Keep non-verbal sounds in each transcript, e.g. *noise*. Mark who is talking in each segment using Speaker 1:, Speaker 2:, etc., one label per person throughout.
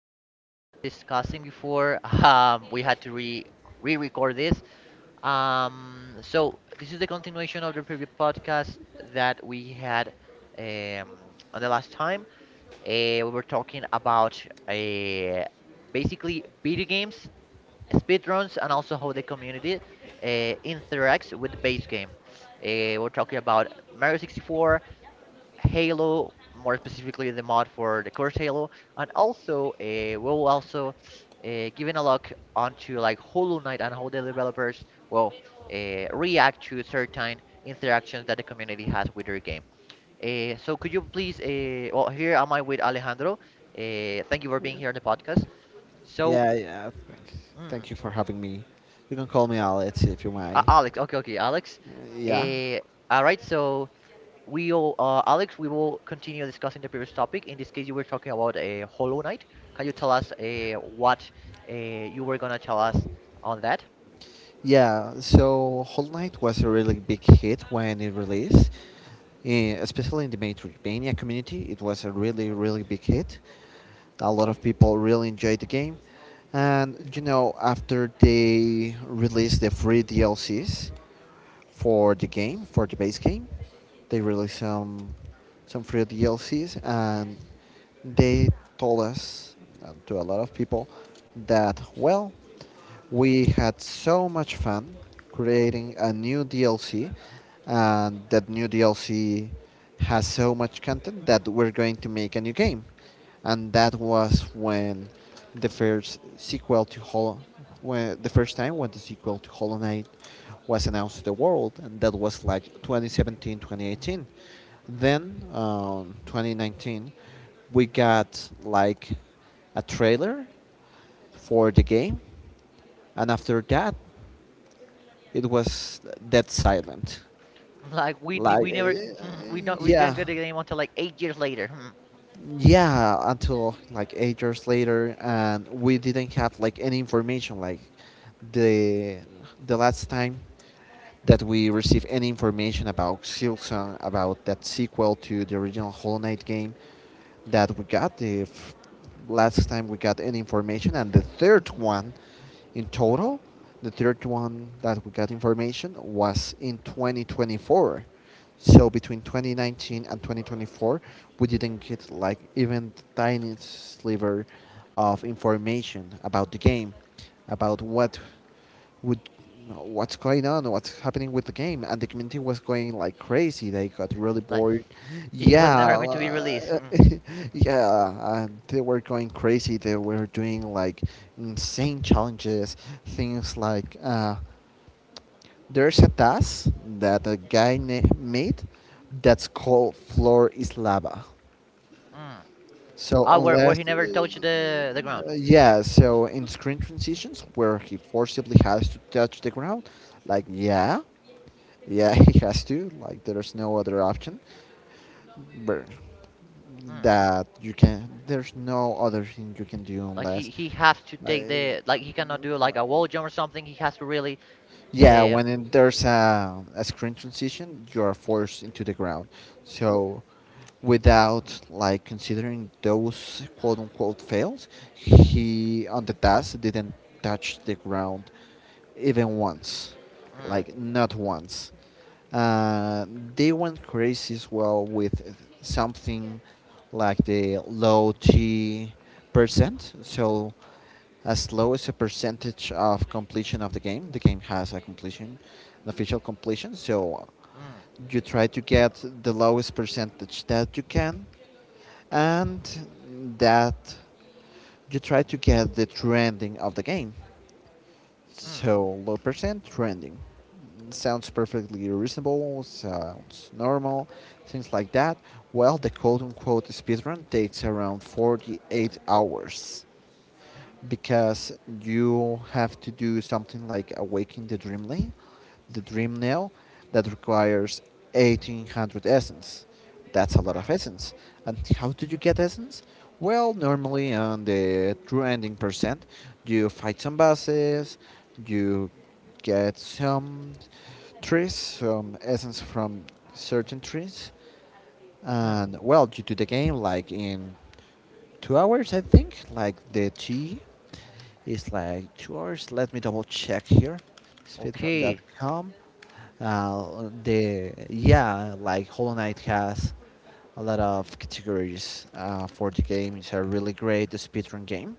Speaker 1: We were discussing before *laughs* we had to re re-record this. So this is the continuation of the previous podcast that we had um, on the last time. We were talking about uh, basically video games, speedruns, and also how the community uh, interacts with the base game. We're talking about Mario 64, Halo, more specifically the mod for the curse Halo, and also we'll also giving a look onto like Hollow Knight and how the developers will react to certain interactions that the community has with their game. So could you please, well, here am I with Alejandro. Thank you for being here on the podcast. So,
Speaker 2: Yeah, yeah. Thank
Speaker 1: mm,
Speaker 2: thank you for having me. You can call me Alex if you mind.
Speaker 1: Alex, okay, okay, Alex.
Speaker 2: Uh, yeah.
Speaker 1: Uh, all right, so Alex, we will continue discussing the previous topic. In this case, you were talking about Hollow Knight. Can you tell us what you were gonna tell us on that?
Speaker 2: Yeah, so Hollow Knight was a really big hit when it released, especially in the Metroidvania community. It was a really, really big hit. A lot of people really enjoyed the game. And, you know, after they released the free DLCs, for the game, for the base game. They released some free DLCs, and they told us and to a lot of people that well, we had so much fun creating a new DLC, and that new DLC has so much content that we're going to make a new game. And that was when the first sequel to Hollow, when, the first time when the sequel to Hollow Knight was announced to the world, and that was like 2017, 2018. Then, 2019, we
Speaker 1: Hmm. *laughs*
Speaker 2: got like a trailer for the game, and after that, it was dead silent.
Speaker 1: Like
Speaker 2: Like,
Speaker 1: we never *laughs* we
Speaker 2: yeah,
Speaker 1: didn't get the game until like 8 years later. Hmm.
Speaker 2: yeah, until like 8 years later, and we didn't have like any information. Like, the the last time that we receive any information about Silksong, about that sequel to the original Hollow Knight game that we got the last time we got any information, and the third one in total, the third one that we got information was in 2024. So between 2019 and 2024, we didn't get like even the tiniest sliver of information about the game, about what with what's going on, what's happening with the game, and the community was going like crazy. They got really
Speaker 1: Like
Speaker 2: bored.
Speaker 1: it was
Speaker 2: Yeah,
Speaker 1: never going to be released. Hmm.
Speaker 2: *laughs* yeah, and they were going crazy. They were doing like insane challenges, things like there's a task that a guy made that's called floor is lava.
Speaker 1: Hmm.
Speaker 2: So
Speaker 1: Ah, where he
Speaker 2: unless
Speaker 1: never touched the ground.
Speaker 2: yeah, so in screen transitions where he forcibly has to touch the ground, like yeah. Yeah, *laughs* he has to. Like, there's no other option. But
Speaker 1: Hmm.
Speaker 2: that you can. There's no other thing you can do
Speaker 1: Like he
Speaker 2: unless.
Speaker 1: he has to
Speaker 2: Uh,
Speaker 1: take the like he cannot do like a wall jump or something. He has to really
Speaker 2: yeah,
Speaker 1: um.
Speaker 2: when in, there's a screen transition, you are forced into the ground. So without like considering those quote unquote fails, he on the task didn't touch the ground even once,
Speaker 1: hmm.
Speaker 2: like not once. uh, they went crazy as well with something like the low T percent. So as low as a percentage of completion of the game. The game has a completion, an official completion. So
Speaker 1: Mm.
Speaker 2: you try to get the lowest percentage that you can, and that you try to get the trending of the game.
Speaker 1: Mm.
Speaker 2: So low percent trending. Sounds perfectly reasonable, sounds normal, things like that. Well, the quote unquote speedrun takes around 48 hours because you have to do something like awaken the dreamling, the dream nail, that requires 1800 essence. That's a lot of
Speaker 1: Mm.
Speaker 2: essence. And how do you get essence? Well, normally on the true ending percent, you fight some bosses, you get some trees, some essence from certain trees,
Speaker 1: Mm.
Speaker 2: and well, you do the game like in 2 hours, I think, like the tea it's like 2 hours. Let me double check here.
Speaker 1: Okay.
Speaker 2: Speedrun.com. The Yeah, like Hollow Knight has a lot of categories for the game. It's a really great speedrun game.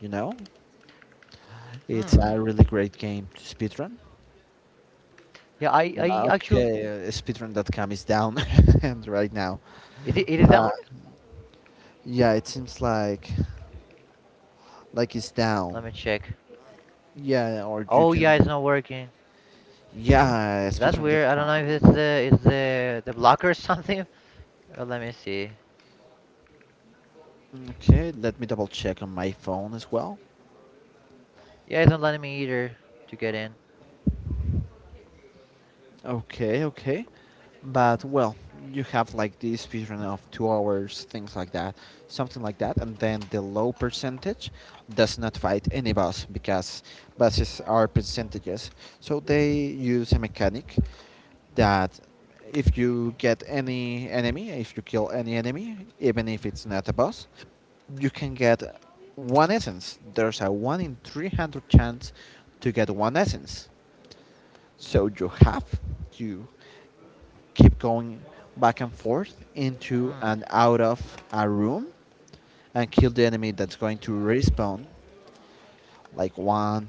Speaker 2: You know, it's
Speaker 1: Mm.
Speaker 2: a really great game to speedrun.
Speaker 1: Yeah, I actually,
Speaker 2: Okay, speedrun.com is down *laughs* and right now.
Speaker 1: is it is down?
Speaker 2: But yeah, it seems like it's down.
Speaker 1: Let me check.
Speaker 2: Yeah, or you
Speaker 1: Oh yeah,
Speaker 2: can.
Speaker 1: it's not working.
Speaker 2: Yeah,
Speaker 1: That's weird. I don't know if
Speaker 2: speedrun.com.
Speaker 1: it's the blocker or *laughs* something. Let me see.
Speaker 2: Okay, let me double check on my phone as well.
Speaker 1: Yeah, it's not letting me either to get in.
Speaker 2: Okay, okay. But well, you have like this speedrun of 2 hours, things like that, something like that, and then the low percentage does not fight any boss because bosses are percentages. So they use a mechanic that if you get any enemy, if you kill any enemy, even if it's not a boss, you can get one essence. There's a 1 in 300 chance to get one essence. So you have to keep going back and forth into
Speaker 1: Mm.
Speaker 2: and out of a room and kill the enemy that's going to respawn like one,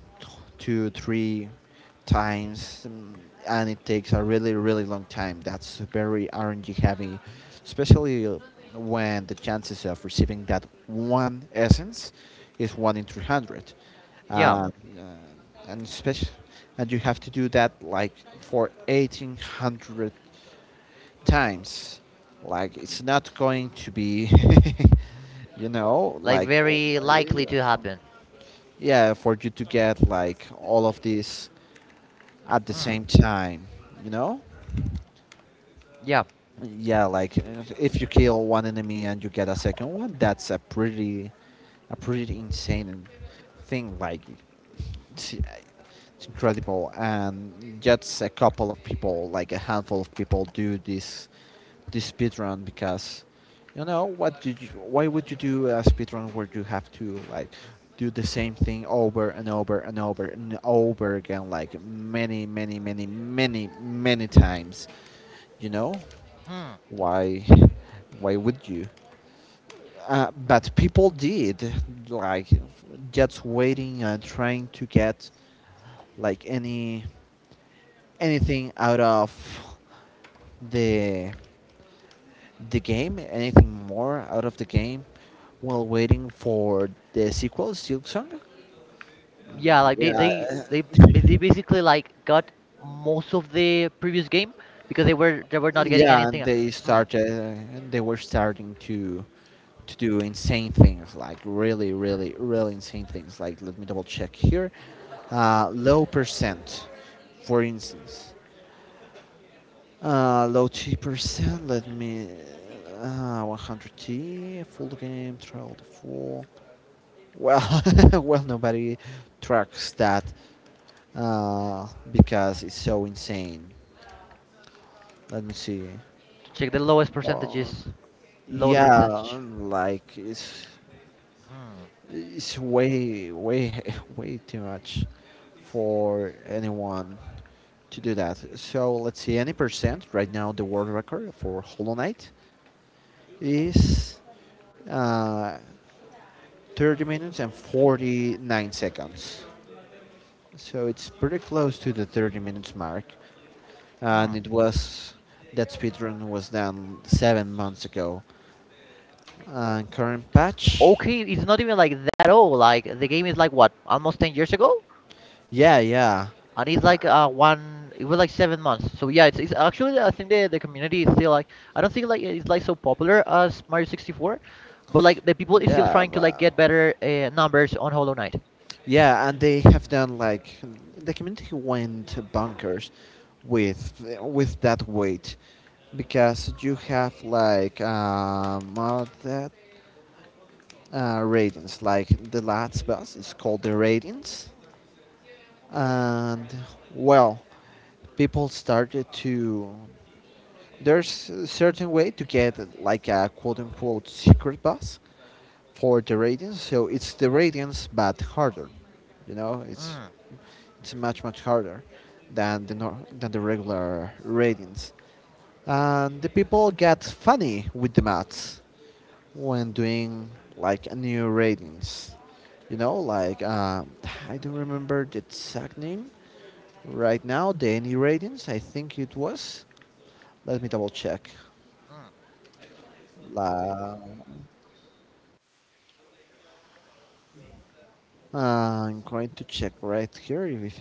Speaker 2: two, three times, and it takes a really, really long time. That's very RNG heavy, especially when the chances of receiving that one essence is one in 300. Uh,
Speaker 1: Yeah,
Speaker 2: uh, and especially, and you have to do that like for 1800 times. Like it's not going to be, *laughs* you know,
Speaker 1: like
Speaker 2: like
Speaker 1: very likely to happen.
Speaker 2: yeah for you to get like all of this at the
Speaker 1: mm,
Speaker 2: same time you know
Speaker 1: Yeah,
Speaker 2: yeah like if you kill one enemy and you get a second one that's a pretty insane thing like it's incredible and just a couple of people like a handful of people do this speedrun because you know what did you why would you do a speedrun where you have to like do the same thing over and over and over and over again like many many many many many times you know
Speaker 1: mm,
Speaker 2: why why would you but people did like just waiting and trying to get like any anything out of the the game? Anything more out of the game while waiting for the sequel, Silk Song?
Speaker 1: yeah, like
Speaker 2: Yeah,
Speaker 1: they basically like got most of the previous game because they were not getting
Speaker 2: yeah. And
Speaker 1: anything.
Speaker 2: they
Speaker 1: Mm.
Speaker 2: started. They were starting to do insane things, like really, really, really insane things. Like let me double check here. Low percent, for instance. Low T percent. Let me. 100 T full game trial the full. Well, *laughs* well, nobody tracks that. uh, because it's so insane. Let me see.
Speaker 1: To check the lowest
Speaker 2: Oh,
Speaker 1: percentages. Lower
Speaker 2: yeah,
Speaker 1: percentage.
Speaker 2: like
Speaker 1: Hmm.
Speaker 2: it's way way *laughs* way too much for anyone to do that. So let's see. Any percent right now, the world record for Hollow Knight is uh, 30 minutes and 49 seconds. So it's pretty close to the 30 minutes mark, and
Speaker 1: Hmm.
Speaker 2: it was that speedrun was done 7 months ago. And current patch.
Speaker 1: Okay, it's not even like that old. Like the game is like what, almost 10 years ago,
Speaker 2: Yeah, yeah,
Speaker 1: and it's like one. It was like 7 months. So yeah, it's actually I think the community is still like I don't think like it's like so popular as Mario 64, but like the people is still
Speaker 2: yeah,
Speaker 1: trying to like
Speaker 2: but
Speaker 1: get better numbers on Hollow Knight.
Speaker 2: yeah, and they have done like the community went bonkers with that weight because you have like mod that ratings like the last boss is called the ratings and well people started to there's a certain way to get like a quote unquote secret boss for the radiance. So it's the radiance, but harder. You know,
Speaker 1: Hmm.
Speaker 2: it's much much harder than the than the regular radiance. And the people get funny with the maths when doing like a new radiance. You know, like I don't remember the exact name right now. The any radiance, I think it was. Let me double check.
Speaker 1: Hmm.
Speaker 2: La I'm going to check right here if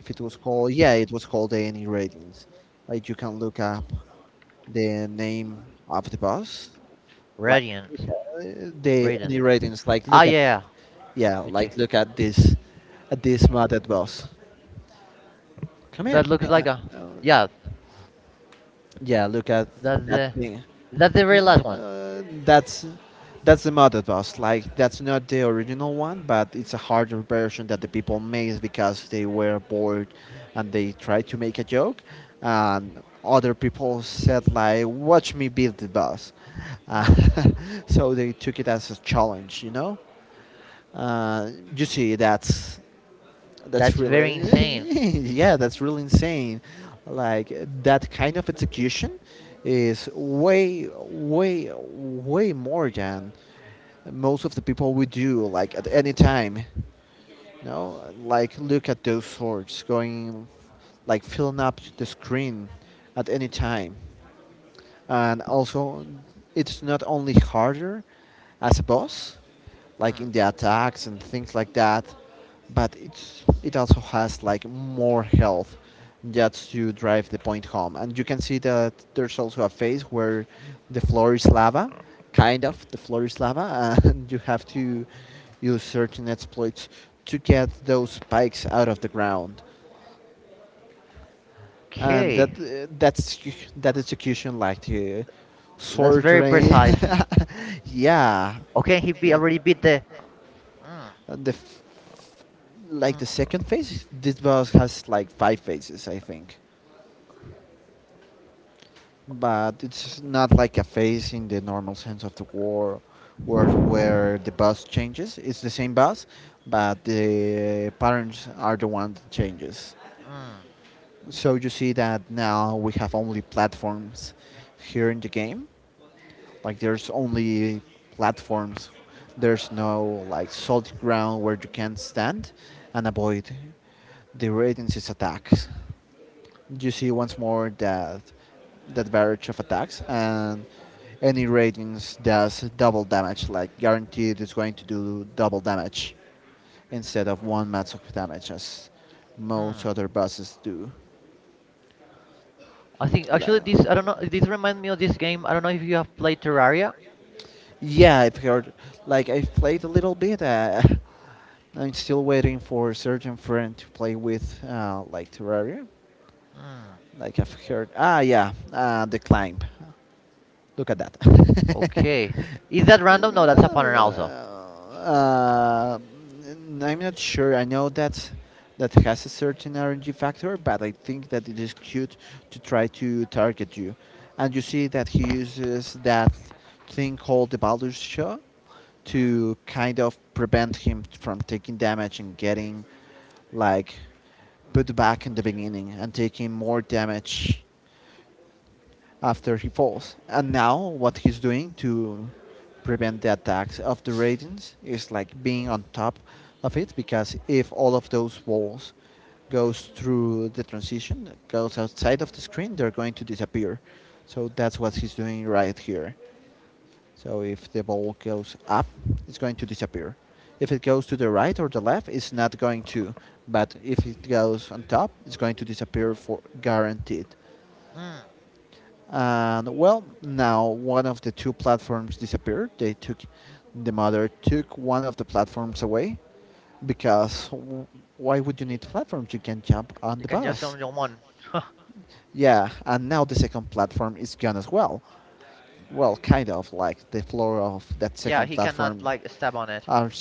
Speaker 2: it was called. Yeah, it was called any ratings. Like you can look up the name of the bus, like look
Speaker 1: Radiance.
Speaker 2: at the any
Speaker 1: Radiance.
Speaker 2: ratings. Like
Speaker 1: Ah
Speaker 2: look at
Speaker 1: yeah,
Speaker 2: yeah,
Speaker 1: let me check.
Speaker 2: like look at this modded bus. Come here.
Speaker 1: That looks
Speaker 2: Come
Speaker 1: like
Speaker 2: here.
Speaker 1: a yeah.
Speaker 2: Yeah, look at
Speaker 1: That's
Speaker 2: that
Speaker 1: the
Speaker 2: thing.
Speaker 1: that's the very
Speaker 2: Mm,
Speaker 1: last one.
Speaker 2: Uh, that's that's the modded bus. Like that's not the original one, but it's a harder version that the people made because they were bored and they tried to make a joke. And other people said like, "Watch me build the bus." Uh,
Speaker 1: Hmm.
Speaker 2: *laughs* so they took it as a challenge, you know. Uh, you see, that's
Speaker 1: That's
Speaker 2: really,
Speaker 1: very insane.
Speaker 2: *laughs* yeah, that's really insane. Like that kind of execution is way, way, way more than most of the people would do. Like at any time, you know, like look at those swords going, like filling up the screen at any time, and also it's not only harder as a boss like
Speaker 1: Hmm.
Speaker 2: in the attacks and things like that, but it also has like more health just to drive the point home. And you can see that there's also a phase where the floor is lava, kind of the floor is lava, *laughs* and you have to use certain exploits to get those spikes out of the ground. And
Speaker 1: Okay,
Speaker 2: that's that execution like the
Speaker 1: that's
Speaker 2: sword
Speaker 1: very
Speaker 2: rain.
Speaker 1: precise.
Speaker 2: *laughs* Yeah,
Speaker 1: Okay, he be
Speaker 2: yeah.
Speaker 1: already beat the. Mm.
Speaker 2: And the like
Speaker 1: Mm.
Speaker 2: the second phase, this boss has like five phases I think, but it's not like a phase in the normal sense of the war, where the boss changes. It's the same boss but the patterns are the one that changes.
Speaker 1: Mm.
Speaker 2: So you see that now we have only platforms here in the game. Like there's only platforms. There's no like solid ground where you can stand and avoid the radiance's attacks. You see once more that barrage of attacks, and any ratings does double damage, like guaranteed it's going to do double damage instead of one max of damage as most
Speaker 1: Mm.
Speaker 2: other bosses do.
Speaker 1: I think actually this I
Speaker 2: Uh,
Speaker 1: don't know. This remind me of this game. I don't know if you have played Terraria.
Speaker 2: yeah, I've heard, like I've played a little bit. *laughs* I'm still waiting for Sergeant Friend to play with like Terraria.
Speaker 1: Mm,
Speaker 2: Like I've heard. Ah, yeah, the climb. Look at that.
Speaker 1: okay, is that random? No, that's a
Speaker 2: *laughs*
Speaker 1: pattern also.
Speaker 2: uh, I'm not sure. I know that that has a certain RNG factor, but I think that it is cute to try to target you. And you see that he uses that thing called the Baldur's Show
Speaker 1: Mm.
Speaker 2: to kind of prevent him from taking damage and getting like put back in the beginning and taking more damage after he falls. And now what he's doing to prevent the attacks of the Radiants is like being on top of it, because if all of those walls goes through the transition, goes outside of the screen, they're going to disappear. So that's what he's doing right here. So if the ball goes up, it's going to disappear. If it goes to the right or the left, it's not going to. But if it goes on top, it's going to disappear for guaranteed.
Speaker 1: Mm.
Speaker 2: And well, now one of the two platforms disappeared. They took, the mother took one of the platforms away because why would you need platforms? You can jump on
Speaker 1: You
Speaker 2: the
Speaker 1: can just
Speaker 2: bus.
Speaker 1: summon your one. *laughs*
Speaker 2: Yeah, and now the second platform is gone as well. Well, kind of like the floor of that
Speaker 1: yeah,
Speaker 2: second
Speaker 1: he cannot
Speaker 2: platform
Speaker 1: like step on it.
Speaker 2: are,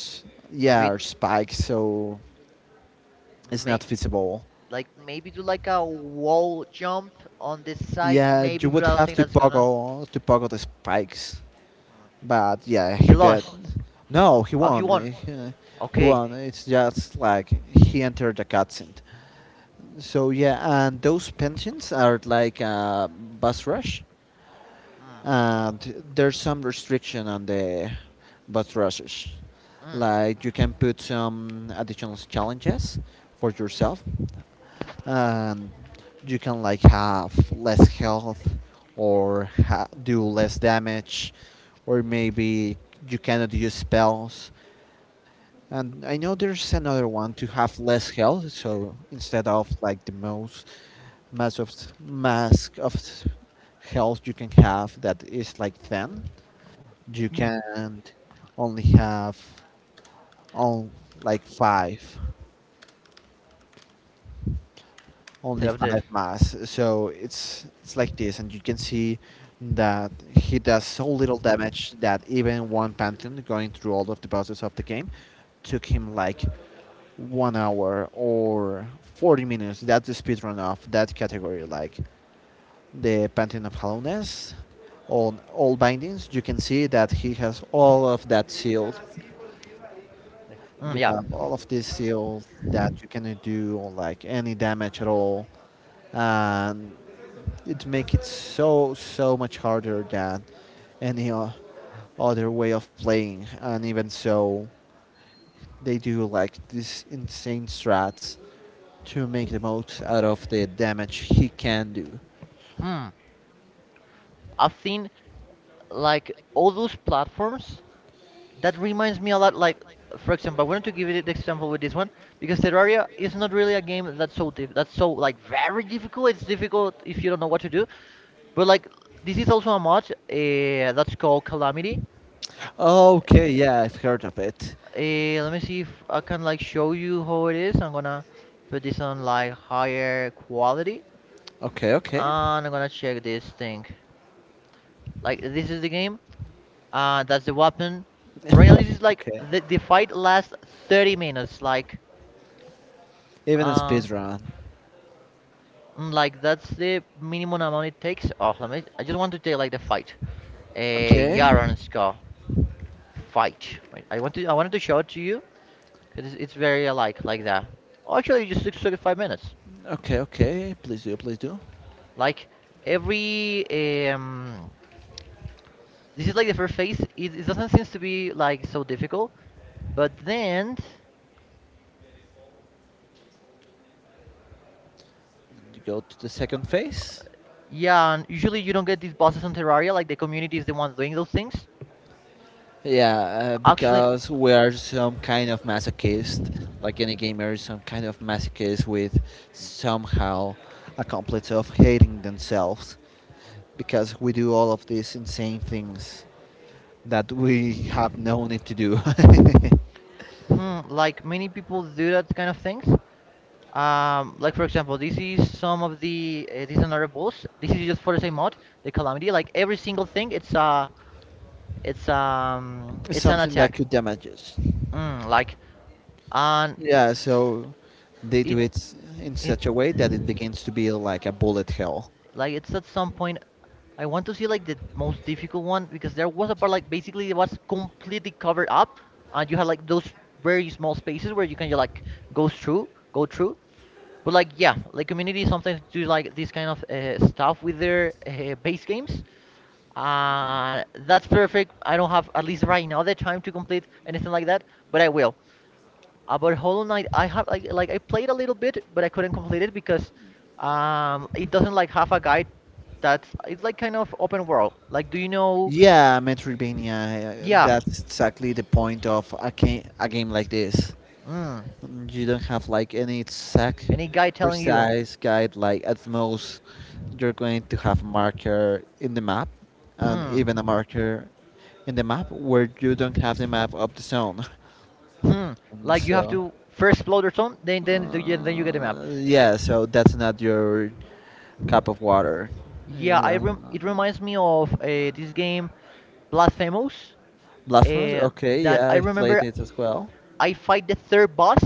Speaker 2: yeah,
Speaker 1: Maybe,
Speaker 2: are spikes, so it's
Speaker 1: may
Speaker 2: not feasible.
Speaker 1: like maybe do like a wall jump on this side.
Speaker 2: Yeah,
Speaker 1: Maybe,
Speaker 2: you
Speaker 1: but
Speaker 2: would
Speaker 1: I don't
Speaker 2: have
Speaker 1: think
Speaker 2: to
Speaker 1: that's gonna.
Speaker 2: poggle the spikes.
Speaker 1: Mm.
Speaker 2: But yeah,
Speaker 1: He
Speaker 2: he bet.
Speaker 1: lost.
Speaker 2: No, he
Speaker 1: Oh, he
Speaker 2: won.
Speaker 1: won.
Speaker 2: He, he
Speaker 1: Okay.
Speaker 2: won. It's just like he entered the cutscene. So yeah, and those pensions are like a bus rush, and there's some restriction on the bus rushes.
Speaker 1: Mm.
Speaker 2: Like you can put some additional challenges for yourself, and you can like have less health or do less damage, or maybe you cannot use spells. And I know there's another one to have less health, so instead of like the most mass of, mask of health you can have that is like 10, you
Speaker 1: Mm.
Speaker 2: can only have on like 5, only
Speaker 1: Serafdir.
Speaker 2: five mass. So it's like this, and you can see that he does so little damage that even one pantheon going through all of the bosses of the game took him like 1 hour or 40 minutes. That's the speed run of that category, like the pantheon of hollowness. On all bindings, you can see that he has all of that sealed.
Speaker 1: Mm,
Speaker 2: You
Speaker 1: yeah.
Speaker 2: have all of this sealed that you cannot do like any damage at all, and it makes it so so much harder than any other way of playing. And even so, they do like these insane strats to make the most out of the damage he can do.
Speaker 1: Mm. I've seen like all those platforms. That reminds me a lot. Like, for example, I wanted to give you the example with this one because Terraria is not really a game that's so like very difficult. It's difficult if you don't know what to do. But like, this is also a mod that's called Calamity.
Speaker 2: Okay, yeah, I've heard of it.
Speaker 1: Let me see if I can like show you how it is. I'm gonna put this on like higher quality,
Speaker 2: Okay, okay,
Speaker 1: and I'm gonna check this thing. Like, this is the game. That's the weapon. Right now, this is like
Speaker 2: okay.
Speaker 1: the fight lasts 30 minutes. Like,
Speaker 2: Even a
Speaker 1: uh,
Speaker 2: speedrun.
Speaker 1: like that's the minimum amount it takes. Oh, let me. I just want to take like the fight. A
Speaker 2: Okay,
Speaker 1: Yaron Scar fight. Wait, I want to. I wanted to show it to you because it's very alike like that. Oh, actually, it just took 35 minutes.
Speaker 2: okay, okay, please do, please do.
Speaker 1: Like every um, this is like the first phase. It doesn't seem to be like so difficult, but then.
Speaker 2: You go to the second phase.
Speaker 1: Yeah, and usually you don't get these bosses on Terraria, like the community is the one doing those things.
Speaker 2: Yeah,
Speaker 1: Actually,
Speaker 2: because we are some kind of masochist, like any gamer is some kind of masochist with somehow a complex of hating themselves, because we do all of these insane things that we have no need to do.
Speaker 1: like many people do that kind of things. Like, for example, this is some of the this is another boss. This is just for the same mod, the Calamity. Like every single thing,
Speaker 2: *laughs*
Speaker 1: it's an
Speaker 2: Something that
Speaker 1: attack.
Speaker 2: could damage us.
Speaker 1: Mm, like and
Speaker 2: Yeah, so they do
Speaker 1: it
Speaker 2: it s- in
Speaker 1: it
Speaker 2: such a way that it begins to be like a bullet hell.
Speaker 1: Like it's at some point I want to see like the most difficult one because there was a part like basically it was completely covered up and you had like those very small spaces where you can just, like go through. But like yeah, like community sometimes do like this kind of stuff with their base games. That's perfect. I don't have at least right now the time to complete anything like that, but I will. About Hollow Knight, I have like I played a little bit, but I couldn't complete it because it doesn't like have a guide that's it's like kind of open world. Like, do you know?
Speaker 2: Yeah, Metroidvania,
Speaker 1: Yeah.
Speaker 2: that's exactly the point of a, a game like this.
Speaker 1: Mm.
Speaker 2: You don't have like any exact
Speaker 1: Any guy telling you
Speaker 2: precise guide. Like at most you're going to have a marker in the map, and even a
Speaker 1: hmm
Speaker 2: marker in the map where you don't have the map of the zone. *laughs*
Speaker 1: hmm
Speaker 2: And
Speaker 1: like you have
Speaker 2: so,
Speaker 1: to first explore the zone, yeah, then you get the map.
Speaker 2: yeah, so that's not your cup of water.
Speaker 1: Yeah,
Speaker 2: Yeah,
Speaker 1: I
Speaker 2: that-
Speaker 1: rem it reminds me of this game Blasphemous,
Speaker 2: Blasphemous?
Speaker 1: uh,
Speaker 2: Okay,
Speaker 1: that
Speaker 2: yeah,
Speaker 1: I
Speaker 2: I've played
Speaker 1: remember
Speaker 2: it as well.
Speaker 1: I fight the third boss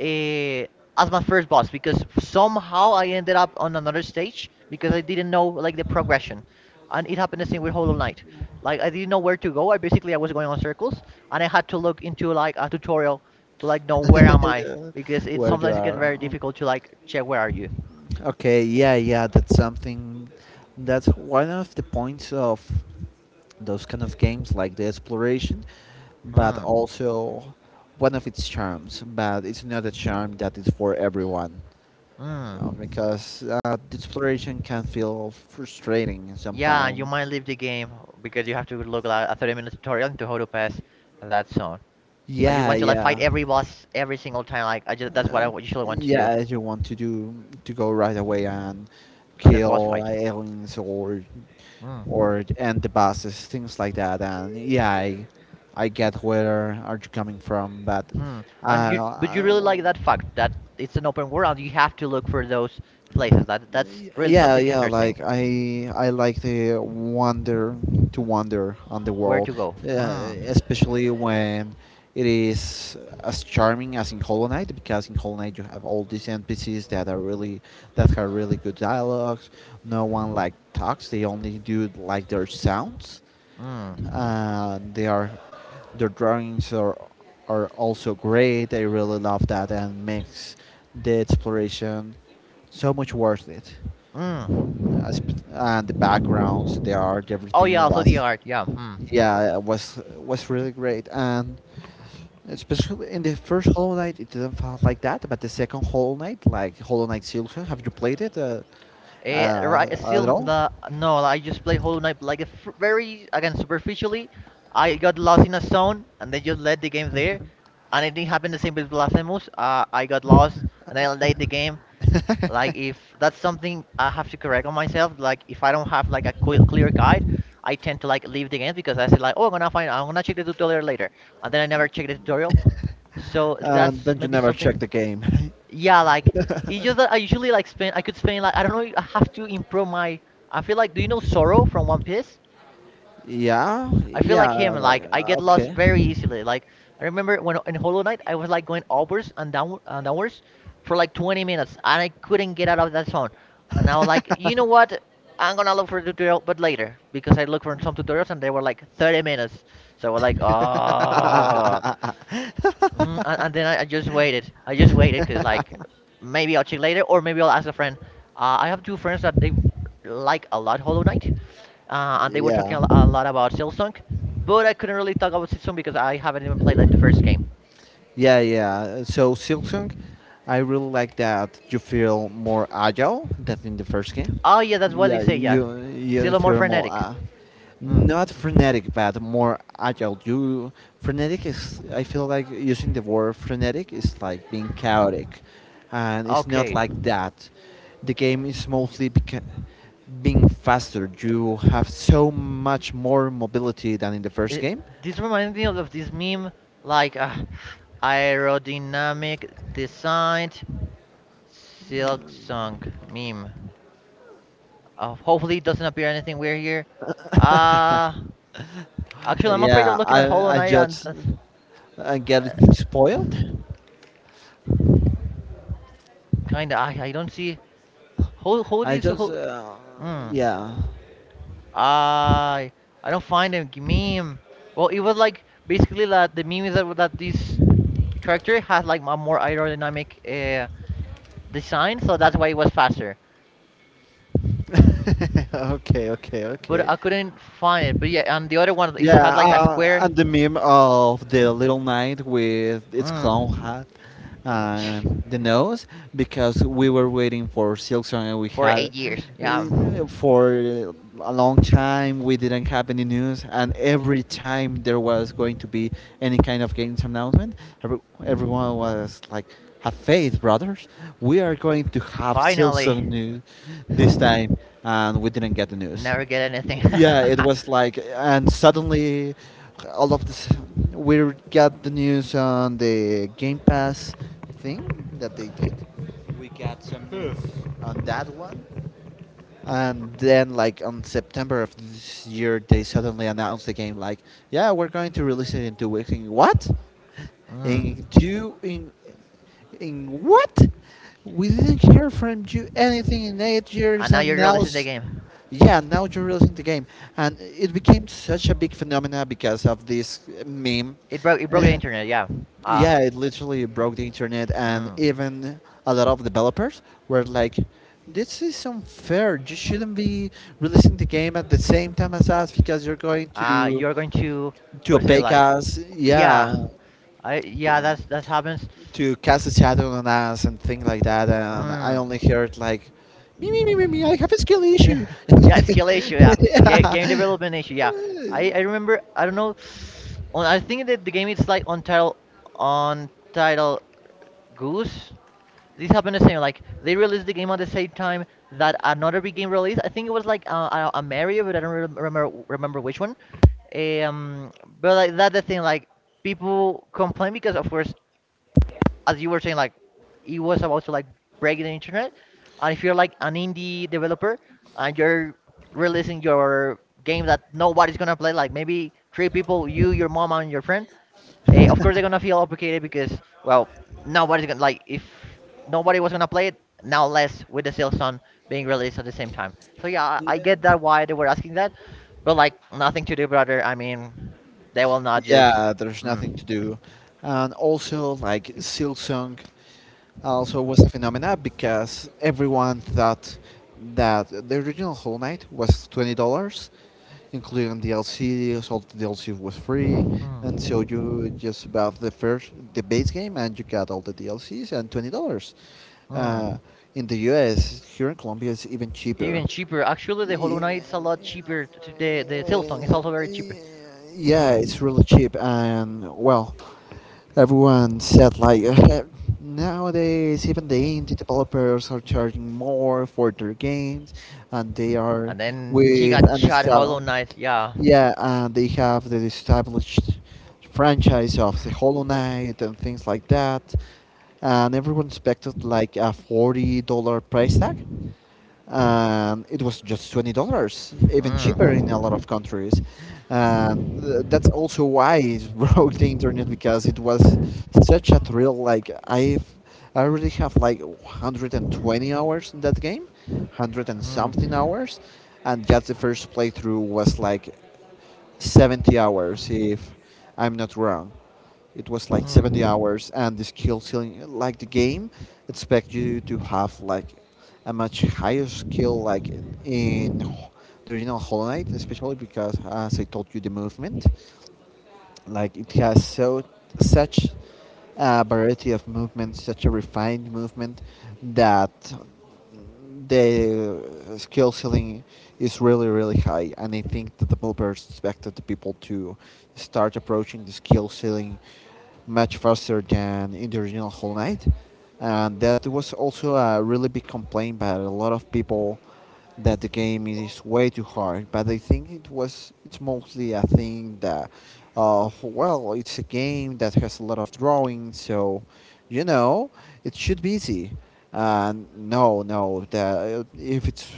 Speaker 1: uh, as my first boss because somehow I ended up on another stage because I didn't know like the progression, and it happened the same with Hollow Knight. Like I didn't know where to go. I was going on circles, and I had to look into like a tutorial to like know where am I because
Speaker 2: *laughs*
Speaker 1: it
Speaker 2: Where you
Speaker 1: sometimes it gets
Speaker 2: are.
Speaker 1: very difficult to like check where are you.
Speaker 2: Okay, yeah, yeah, that's something. That's one of the points of those kind of games, like the exploration, but
Speaker 1: Mm.
Speaker 2: also one of its charms. But it's not a charm that is for everyone,
Speaker 1: Mm.
Speaker 2: because the exploration can feel frustrating
Speaker 1: Yeah, and you
Speaker 2: sometimes.
Speaker 1: might leave the game because you have to look at a 30-minute tutorial into how to pass that zone. I just
Speaker 2: Yeah,
Speaker 1: want to like fight
Speaker 2: yeah,
Speaker 1: every boss every single time. Like I just That's what
Speaker 2: uh,
Speaker 1: I usually want to do.
Speaker 2: yeah. You want to do, to go right away and
Speaker 1: And the boss
Speaker 2: kill
Speaker 1: fight.
Speaker 2: aliens or
Speaker 1: Mm.
Speaker 2: or and the buses, things like that. And yeah, I get where are you coming from, but
Speaker 1: Hmm. But you really
Speaker 2: well,
Speaker 1: like that fact that it's an open world. You have to look for those places. That's really
Speaker 2: yeah,
Speaker 1: something
Speaker 2: yeah,
Speaker 1: interesting.
Speaker 2: like I like to wander on the
Speaker 1: Where to
Speaker 2: world,
Speaker 1: go? Mm.
Speaker 2: especially when it is as charming as in Hollow Knight, because in Hollow Knight you have all these NPCs that are really, that have really good dialogues. No one like talks; they only do like their sounds.
Speaker 1: Mm.
Speaker 2: They are, their drawings are also great. I really love that, and makes the exploration so much worth it. As,
Speaker 1: Mm.
Speaker 2: and the backgrounds, the art,
Speaker 1: Oh yeah,
Speaker 2: everything
Speaker 1: also the
Speaker 2: was,
Speaker 1: art. Yeah. Hmm.
Speaker 2: yeah, it was really great. And especially in the first Hollow Knight it didn't feel like that, but the second Hollow Knight, like Hollow Knight Silksong, have you played it
Speaker 1: Right. Still
Speaker 2: at all?
Speaker 1: the No. I just play Hollow Knight like a f very again superficially. I got lost in a zone and they just let the game there. And it didn't happen the same with Blasphemous. I got lost and I led the game. Like
Speaker 2: *laughs*
Speaker 1: if that's something I have to correct on myself, like if I don't have like a clear guide, I tend to like leave the game because I say like, oh, I'm gonna check the tutorial later, and then I never check the tutorial. So
Speaker 2: And
Speaker 1: that's
Speaker 2: then you
Speaker 1: maybe
Speaker 2: never check
Speaker 1: something.
Speaker 2: the game.
Speaker 1: Yeah, like it's just that I usually like spend. I could spend like I don't know.
Speaker 2: *laughs*
Speaker 1: I have to improve my. I feel like, do you know Sorrow from One Piece?
Speaker 2: Yeah,
Speaker 1: I feel
Speaker 2: yeah,
Speaker 1: like him.
Speaker 2: like,
Speaker 1: Like I get lost
Speaker 2: okay.
Speaker 1: very easily. Like I remember when in Hollow Knight, I was like going upwards and down and downwards for like 20 minutes, and I couldn't get out of that zone. And I was like, you know what? I'm gonna look for a tutorial, but later because I looked for some tutorials and they were like 30 minutes. So I was like, oh. Mhm, and then I just waited. I just waited
Speaker 2: *laughs*
Speaker 1: because like maybe I'll check later or maybe I'll ask a friend. I have two friends that they like a lot Hollow Knight, and they were talking
Speaker 2: Yeah.
Speaker 1: a lot about Silsunk, but I couldn't really talk about Silsunk because I haven't even played like the first game.
Speaker 2: Yeah, yeah. So Silksong, I really like that you feel more agile than in the first game.
Speaker 1: Oh yeah, that's what they
Speaker 2: Yeah,
Speaker 1: say. Yeah,
Speaker 2: you
Speaker 1: it's a
Speaker 2: you
Speaker 1: little more
Speaker 2: feel more
Speaker 1: frenetic. Mm.
Speaker 2: not frenetic, but more agile. You, frenetic is, I feel like using the word frenetic is like being chaotic, and it's not
Speaker 1: Okay.
Speaker 2: like that. The game is mostly being faster. You have so much more mobility than in the first
Speaker 1: It,
Speaker 2: game.
Speaker 1: this reminds me of this meme, like aerodynamic design silk sunk meme. Hopefully, it doesn't appear anything weird here. Uh, Actually, I'm afraid of
Speaker 2: Yeah,
Speaker 1: looking at Hollow
Speaker 2: I
Speaker 1: Knight and.
Speaker 2: just
Speaker 1: and- Uh,
Speaker 2: getting spoiled.
Speaker 1: Kinda, I don't see. Who, who
Speaker 2: I
Speaker 1: is.
Speaker 2: just
Speaker 1: Who, Hmm.
Speaker 2: yeah.
Speaker 1: I I don't find a meme. Well, it was like basically that the meme is that this character has like a more aerodynamic design, so that's why it was faster.
Speaker 2: *laughs* Okay, okay,
Speaker 1: But
Speaker 2: okay.
Speaker 1: I couldn't find it. But yeah, and the other one is
Speaker 2: Yeah,
Speaker 1: had like a square.
Speaker 2: and the meme of the little knight with its clown
Speaker 1: Mm.
Speaker 2: hat and the
Speaker 1: *laughs*
Speaker 2: nose, because we were waiting for Silksong, and we
Speaker 1: for eight
Speaker 2: had
Speaker 1: years. Yeah,
Speaker 2: for a long time we didn't have any news, and every time there was going to be any kind of games announcement, every, everyone was like, "Have faith, brothers! We are going to have Silksong
Speaker 1: finally,
Speaker 2: news this time," and we didn't get the news.
Speaker 1: never get anything.
Speaker 2: Yeah, it
Speaker 1: *laughs*
Speaker 2: was like, and suddenly all of this, we got the news on the game pass thing that they did. We got some news on that one, and then like on September of this year they suddenly announced the game, like, yeah, we're going to release it in 2 weeks. In what? In
Speaker 1: Mm.
Speaker 2: two In what? We didn't hear from you anything in eight
Speaker 1: And
Speaker 2: years
Speaker 1: now
Speaker 2: and
Speaker 1: you're
Speaker 2: now
Speaker 1: releasing the game.
Speaker 2: yeah, now you're releasing the game, and it became such a big phenomena because of this meme.
Speaker 1: It broke. It broke the
Speaker 2: *laughs*
Speaker 1: internet. Yeah. Uh,
Speaker 2: Yeah, it literally broke the internet, and
Speaker 1: mm.
Speaker 2: even a lot of developers were like, "This is unfair. You shouldn't be releasing the game at the same time as us, because you're going to
Speaker 1: You're going to,
Speaker 2: to
Speaker 1: how to say it,
Speaker 2: opaque
Speaker 1: like
Speaker 2: us."
Speaker 1: yeah,
Speaker 2: Yeah,
Speaker 1: I yeah that's that happens.
Speaker 2: to cast a shadow on us and things like that. And I
Speaker 1: Mm.
Speaker 2: only heard like, me, me, me, me, me, I have a skill
Speaker 1: *laughs*
Speaker 2: issue. *laughs*
Speaker 1: yeah, skill issue. Yeah,
Speaker 2: Yeah.
Speaker 1: game development issue. Yeah, I remember. I don't know. On I think that the game is like on title on title goose. This happened the same. Like they released the game at the same time that another big game released. I think it was like a Mario, but I don't remember which one. Um, but like that's the thing. Like people complain because of course as you were saying, like it was about to like break the internet. And if you're like an indie developer and you're releasing your game that nobody's gonna play, like maybe three people, you, your mom, and your friend, of course they're gonna feel obligated because well nobody's gonna like if nobody was gonna play it now less with the sales on being released at the same time. So yeah, I get
Speaker 2: Yeah.
Speaker 1: that why they were asking that, but like nothing to do, brother. I mean they will not just.
Speaker 2: Yeah, there's nothing to
Speaker 1: Mm.
Speaker 2: do. And also, like, Silsong also was a phenomena, because everyone thought that the original Whole Knight was $20 including DLC. All the DLC was free, and so
Speaker 1: Mm.
Speaker 2: you just bought the first, the base game, and you got all the DLCs and $20.
Speaker 1: Mm.
Speaker 2: Uh, in the U.S., here in Colombia, it's even
Speaker 1: Even
Speaker 2: cheaper.
Speaker 1: cheaper. Actually, the Hollow
Speaker 2: Yeah,
Speaker 1: Knight's a lot cheaper. The Silsong is also very cheaper.
Speaker 2: it's
Speaker 1: Mm.
Speaker 2: really cheap, and well, everyone said like *laughs* nowadays even the indie developers are charging more for their games, and they are
Speaker 1: And then
Speaker 2: with
Speaker 1: Giga
Speaker 2: an
Speaker 1: Chat Hollow
Speaker 2: style.
Speaker 1: Knight. Yeah.
Speaker 2: Yeah, and they have the established franchise of the Hollow Knight and things like that. And everyone expected like a $40 price tag, and it was just $20, even cheaper in a lot
Speaker 1: Mm.
Speaker 2: of countries. And that's also why it *laughs* broke the internet, because it was such a thrill. I already have like 120 hours in that game, hundred and something
Speaker 1: Mm.
Speaker 2: hours, and just the first playthrough was like 70 hours, if I'm not wrong. It was like 70
Speaker 1: Mm.
Speaker 2: hours. And the skill ceiling, like the game expect you to have like a much higher skill, like in the original Hollow Knight, especially because as I told you the movement, like it has so such a variety of movements, such a refined movement, that the skill ceiling is really really high. And I think the developers expected the people to start approaching the skill ceiling much faster than in the original Whole Night, and that was also a really big complaint by a lot of people, that the game is way too hard. But I think it was, it's mostly a thing that, well, it's a game that has a lot of drawing, so you know it should be easy. No, no, the, if it's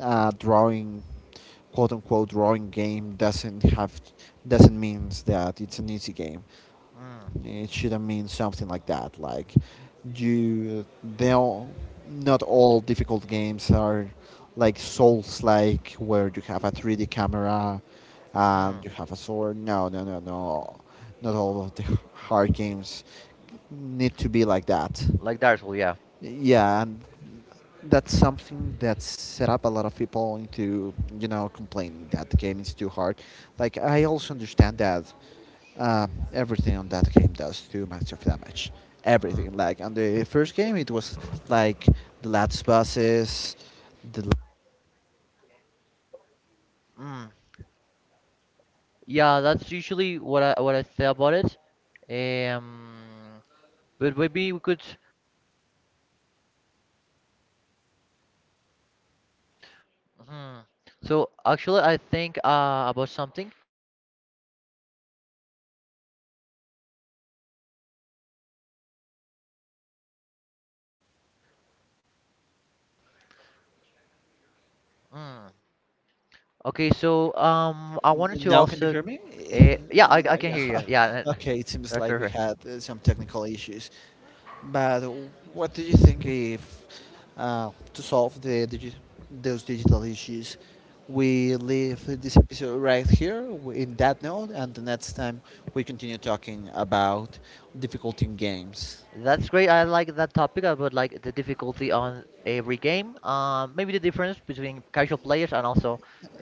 Speaker 2: a drawing, quote unquote drawing game, doesn't means that it's an easy game.
Speaker 1: Mm.
Speaker 2: It shouldn't mean something like that. Like you, they all, not all difficult games are like Souls like, where you have a 3D camera and
Speaker 1: Mm.
Speaker 2: you have a sword. No, no, no, no. Not all of the *laughs* hard games need to be like that.
Speaker 1: Like Dark Souls, yeah.
Speaker 2: Yeah, and that's something that set up a lot of people into, you know, complaining that the game is too hard. Like I also understand that, everything on that game does too much of damage.
Speaker 1: Mm.
Speaker 2: Everything, like on the first game, it was like the last bosses, the,
Speaker 1: Mm. Yeah, that's usually what I say about it. Um, but maybe we could. Hmm. So actually, I think about something. Mm. Okay, so I wanted to
Speaker 2: now, can you
Speaker 1: also
Speaker 2: hear me? Yeah,
Speaker 1: Yeah, I
Speaker 2: yeah, *laughs*
Speaker 1: can hear you. Yeah,
Speaker 2: yeah. Okay, it
Speaker 1: *laughs*
Speaker 2: seems
Speaker 1: right,
Speaker 2: like
Speaker 1: right,
Speaker 2: we
Speaker 1: right.
Speaker 2: had some technical issues. But what do you think if, to solve the those digital issues, we leave this episode right here in that note, and the next time we continue talking about difficulty in games,
Speaker 1: That's great. I like that topic about like the difficulty on every game. Maybe the difference between casual players and also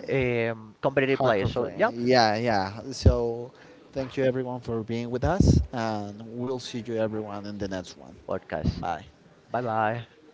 Speaker 1: competitive players.
Speaker 2: hardcore
Speaker 1: So,
Speaker 2: playing.
Speaker 1: yeah,
Speaker 2: Yeah, yeah. So, thank you everyone for being with us, and we'll see you everyone in the next one.
Speaker 1: podcast.
Speaker 2: Bye.
Speaker 1: Bye bye.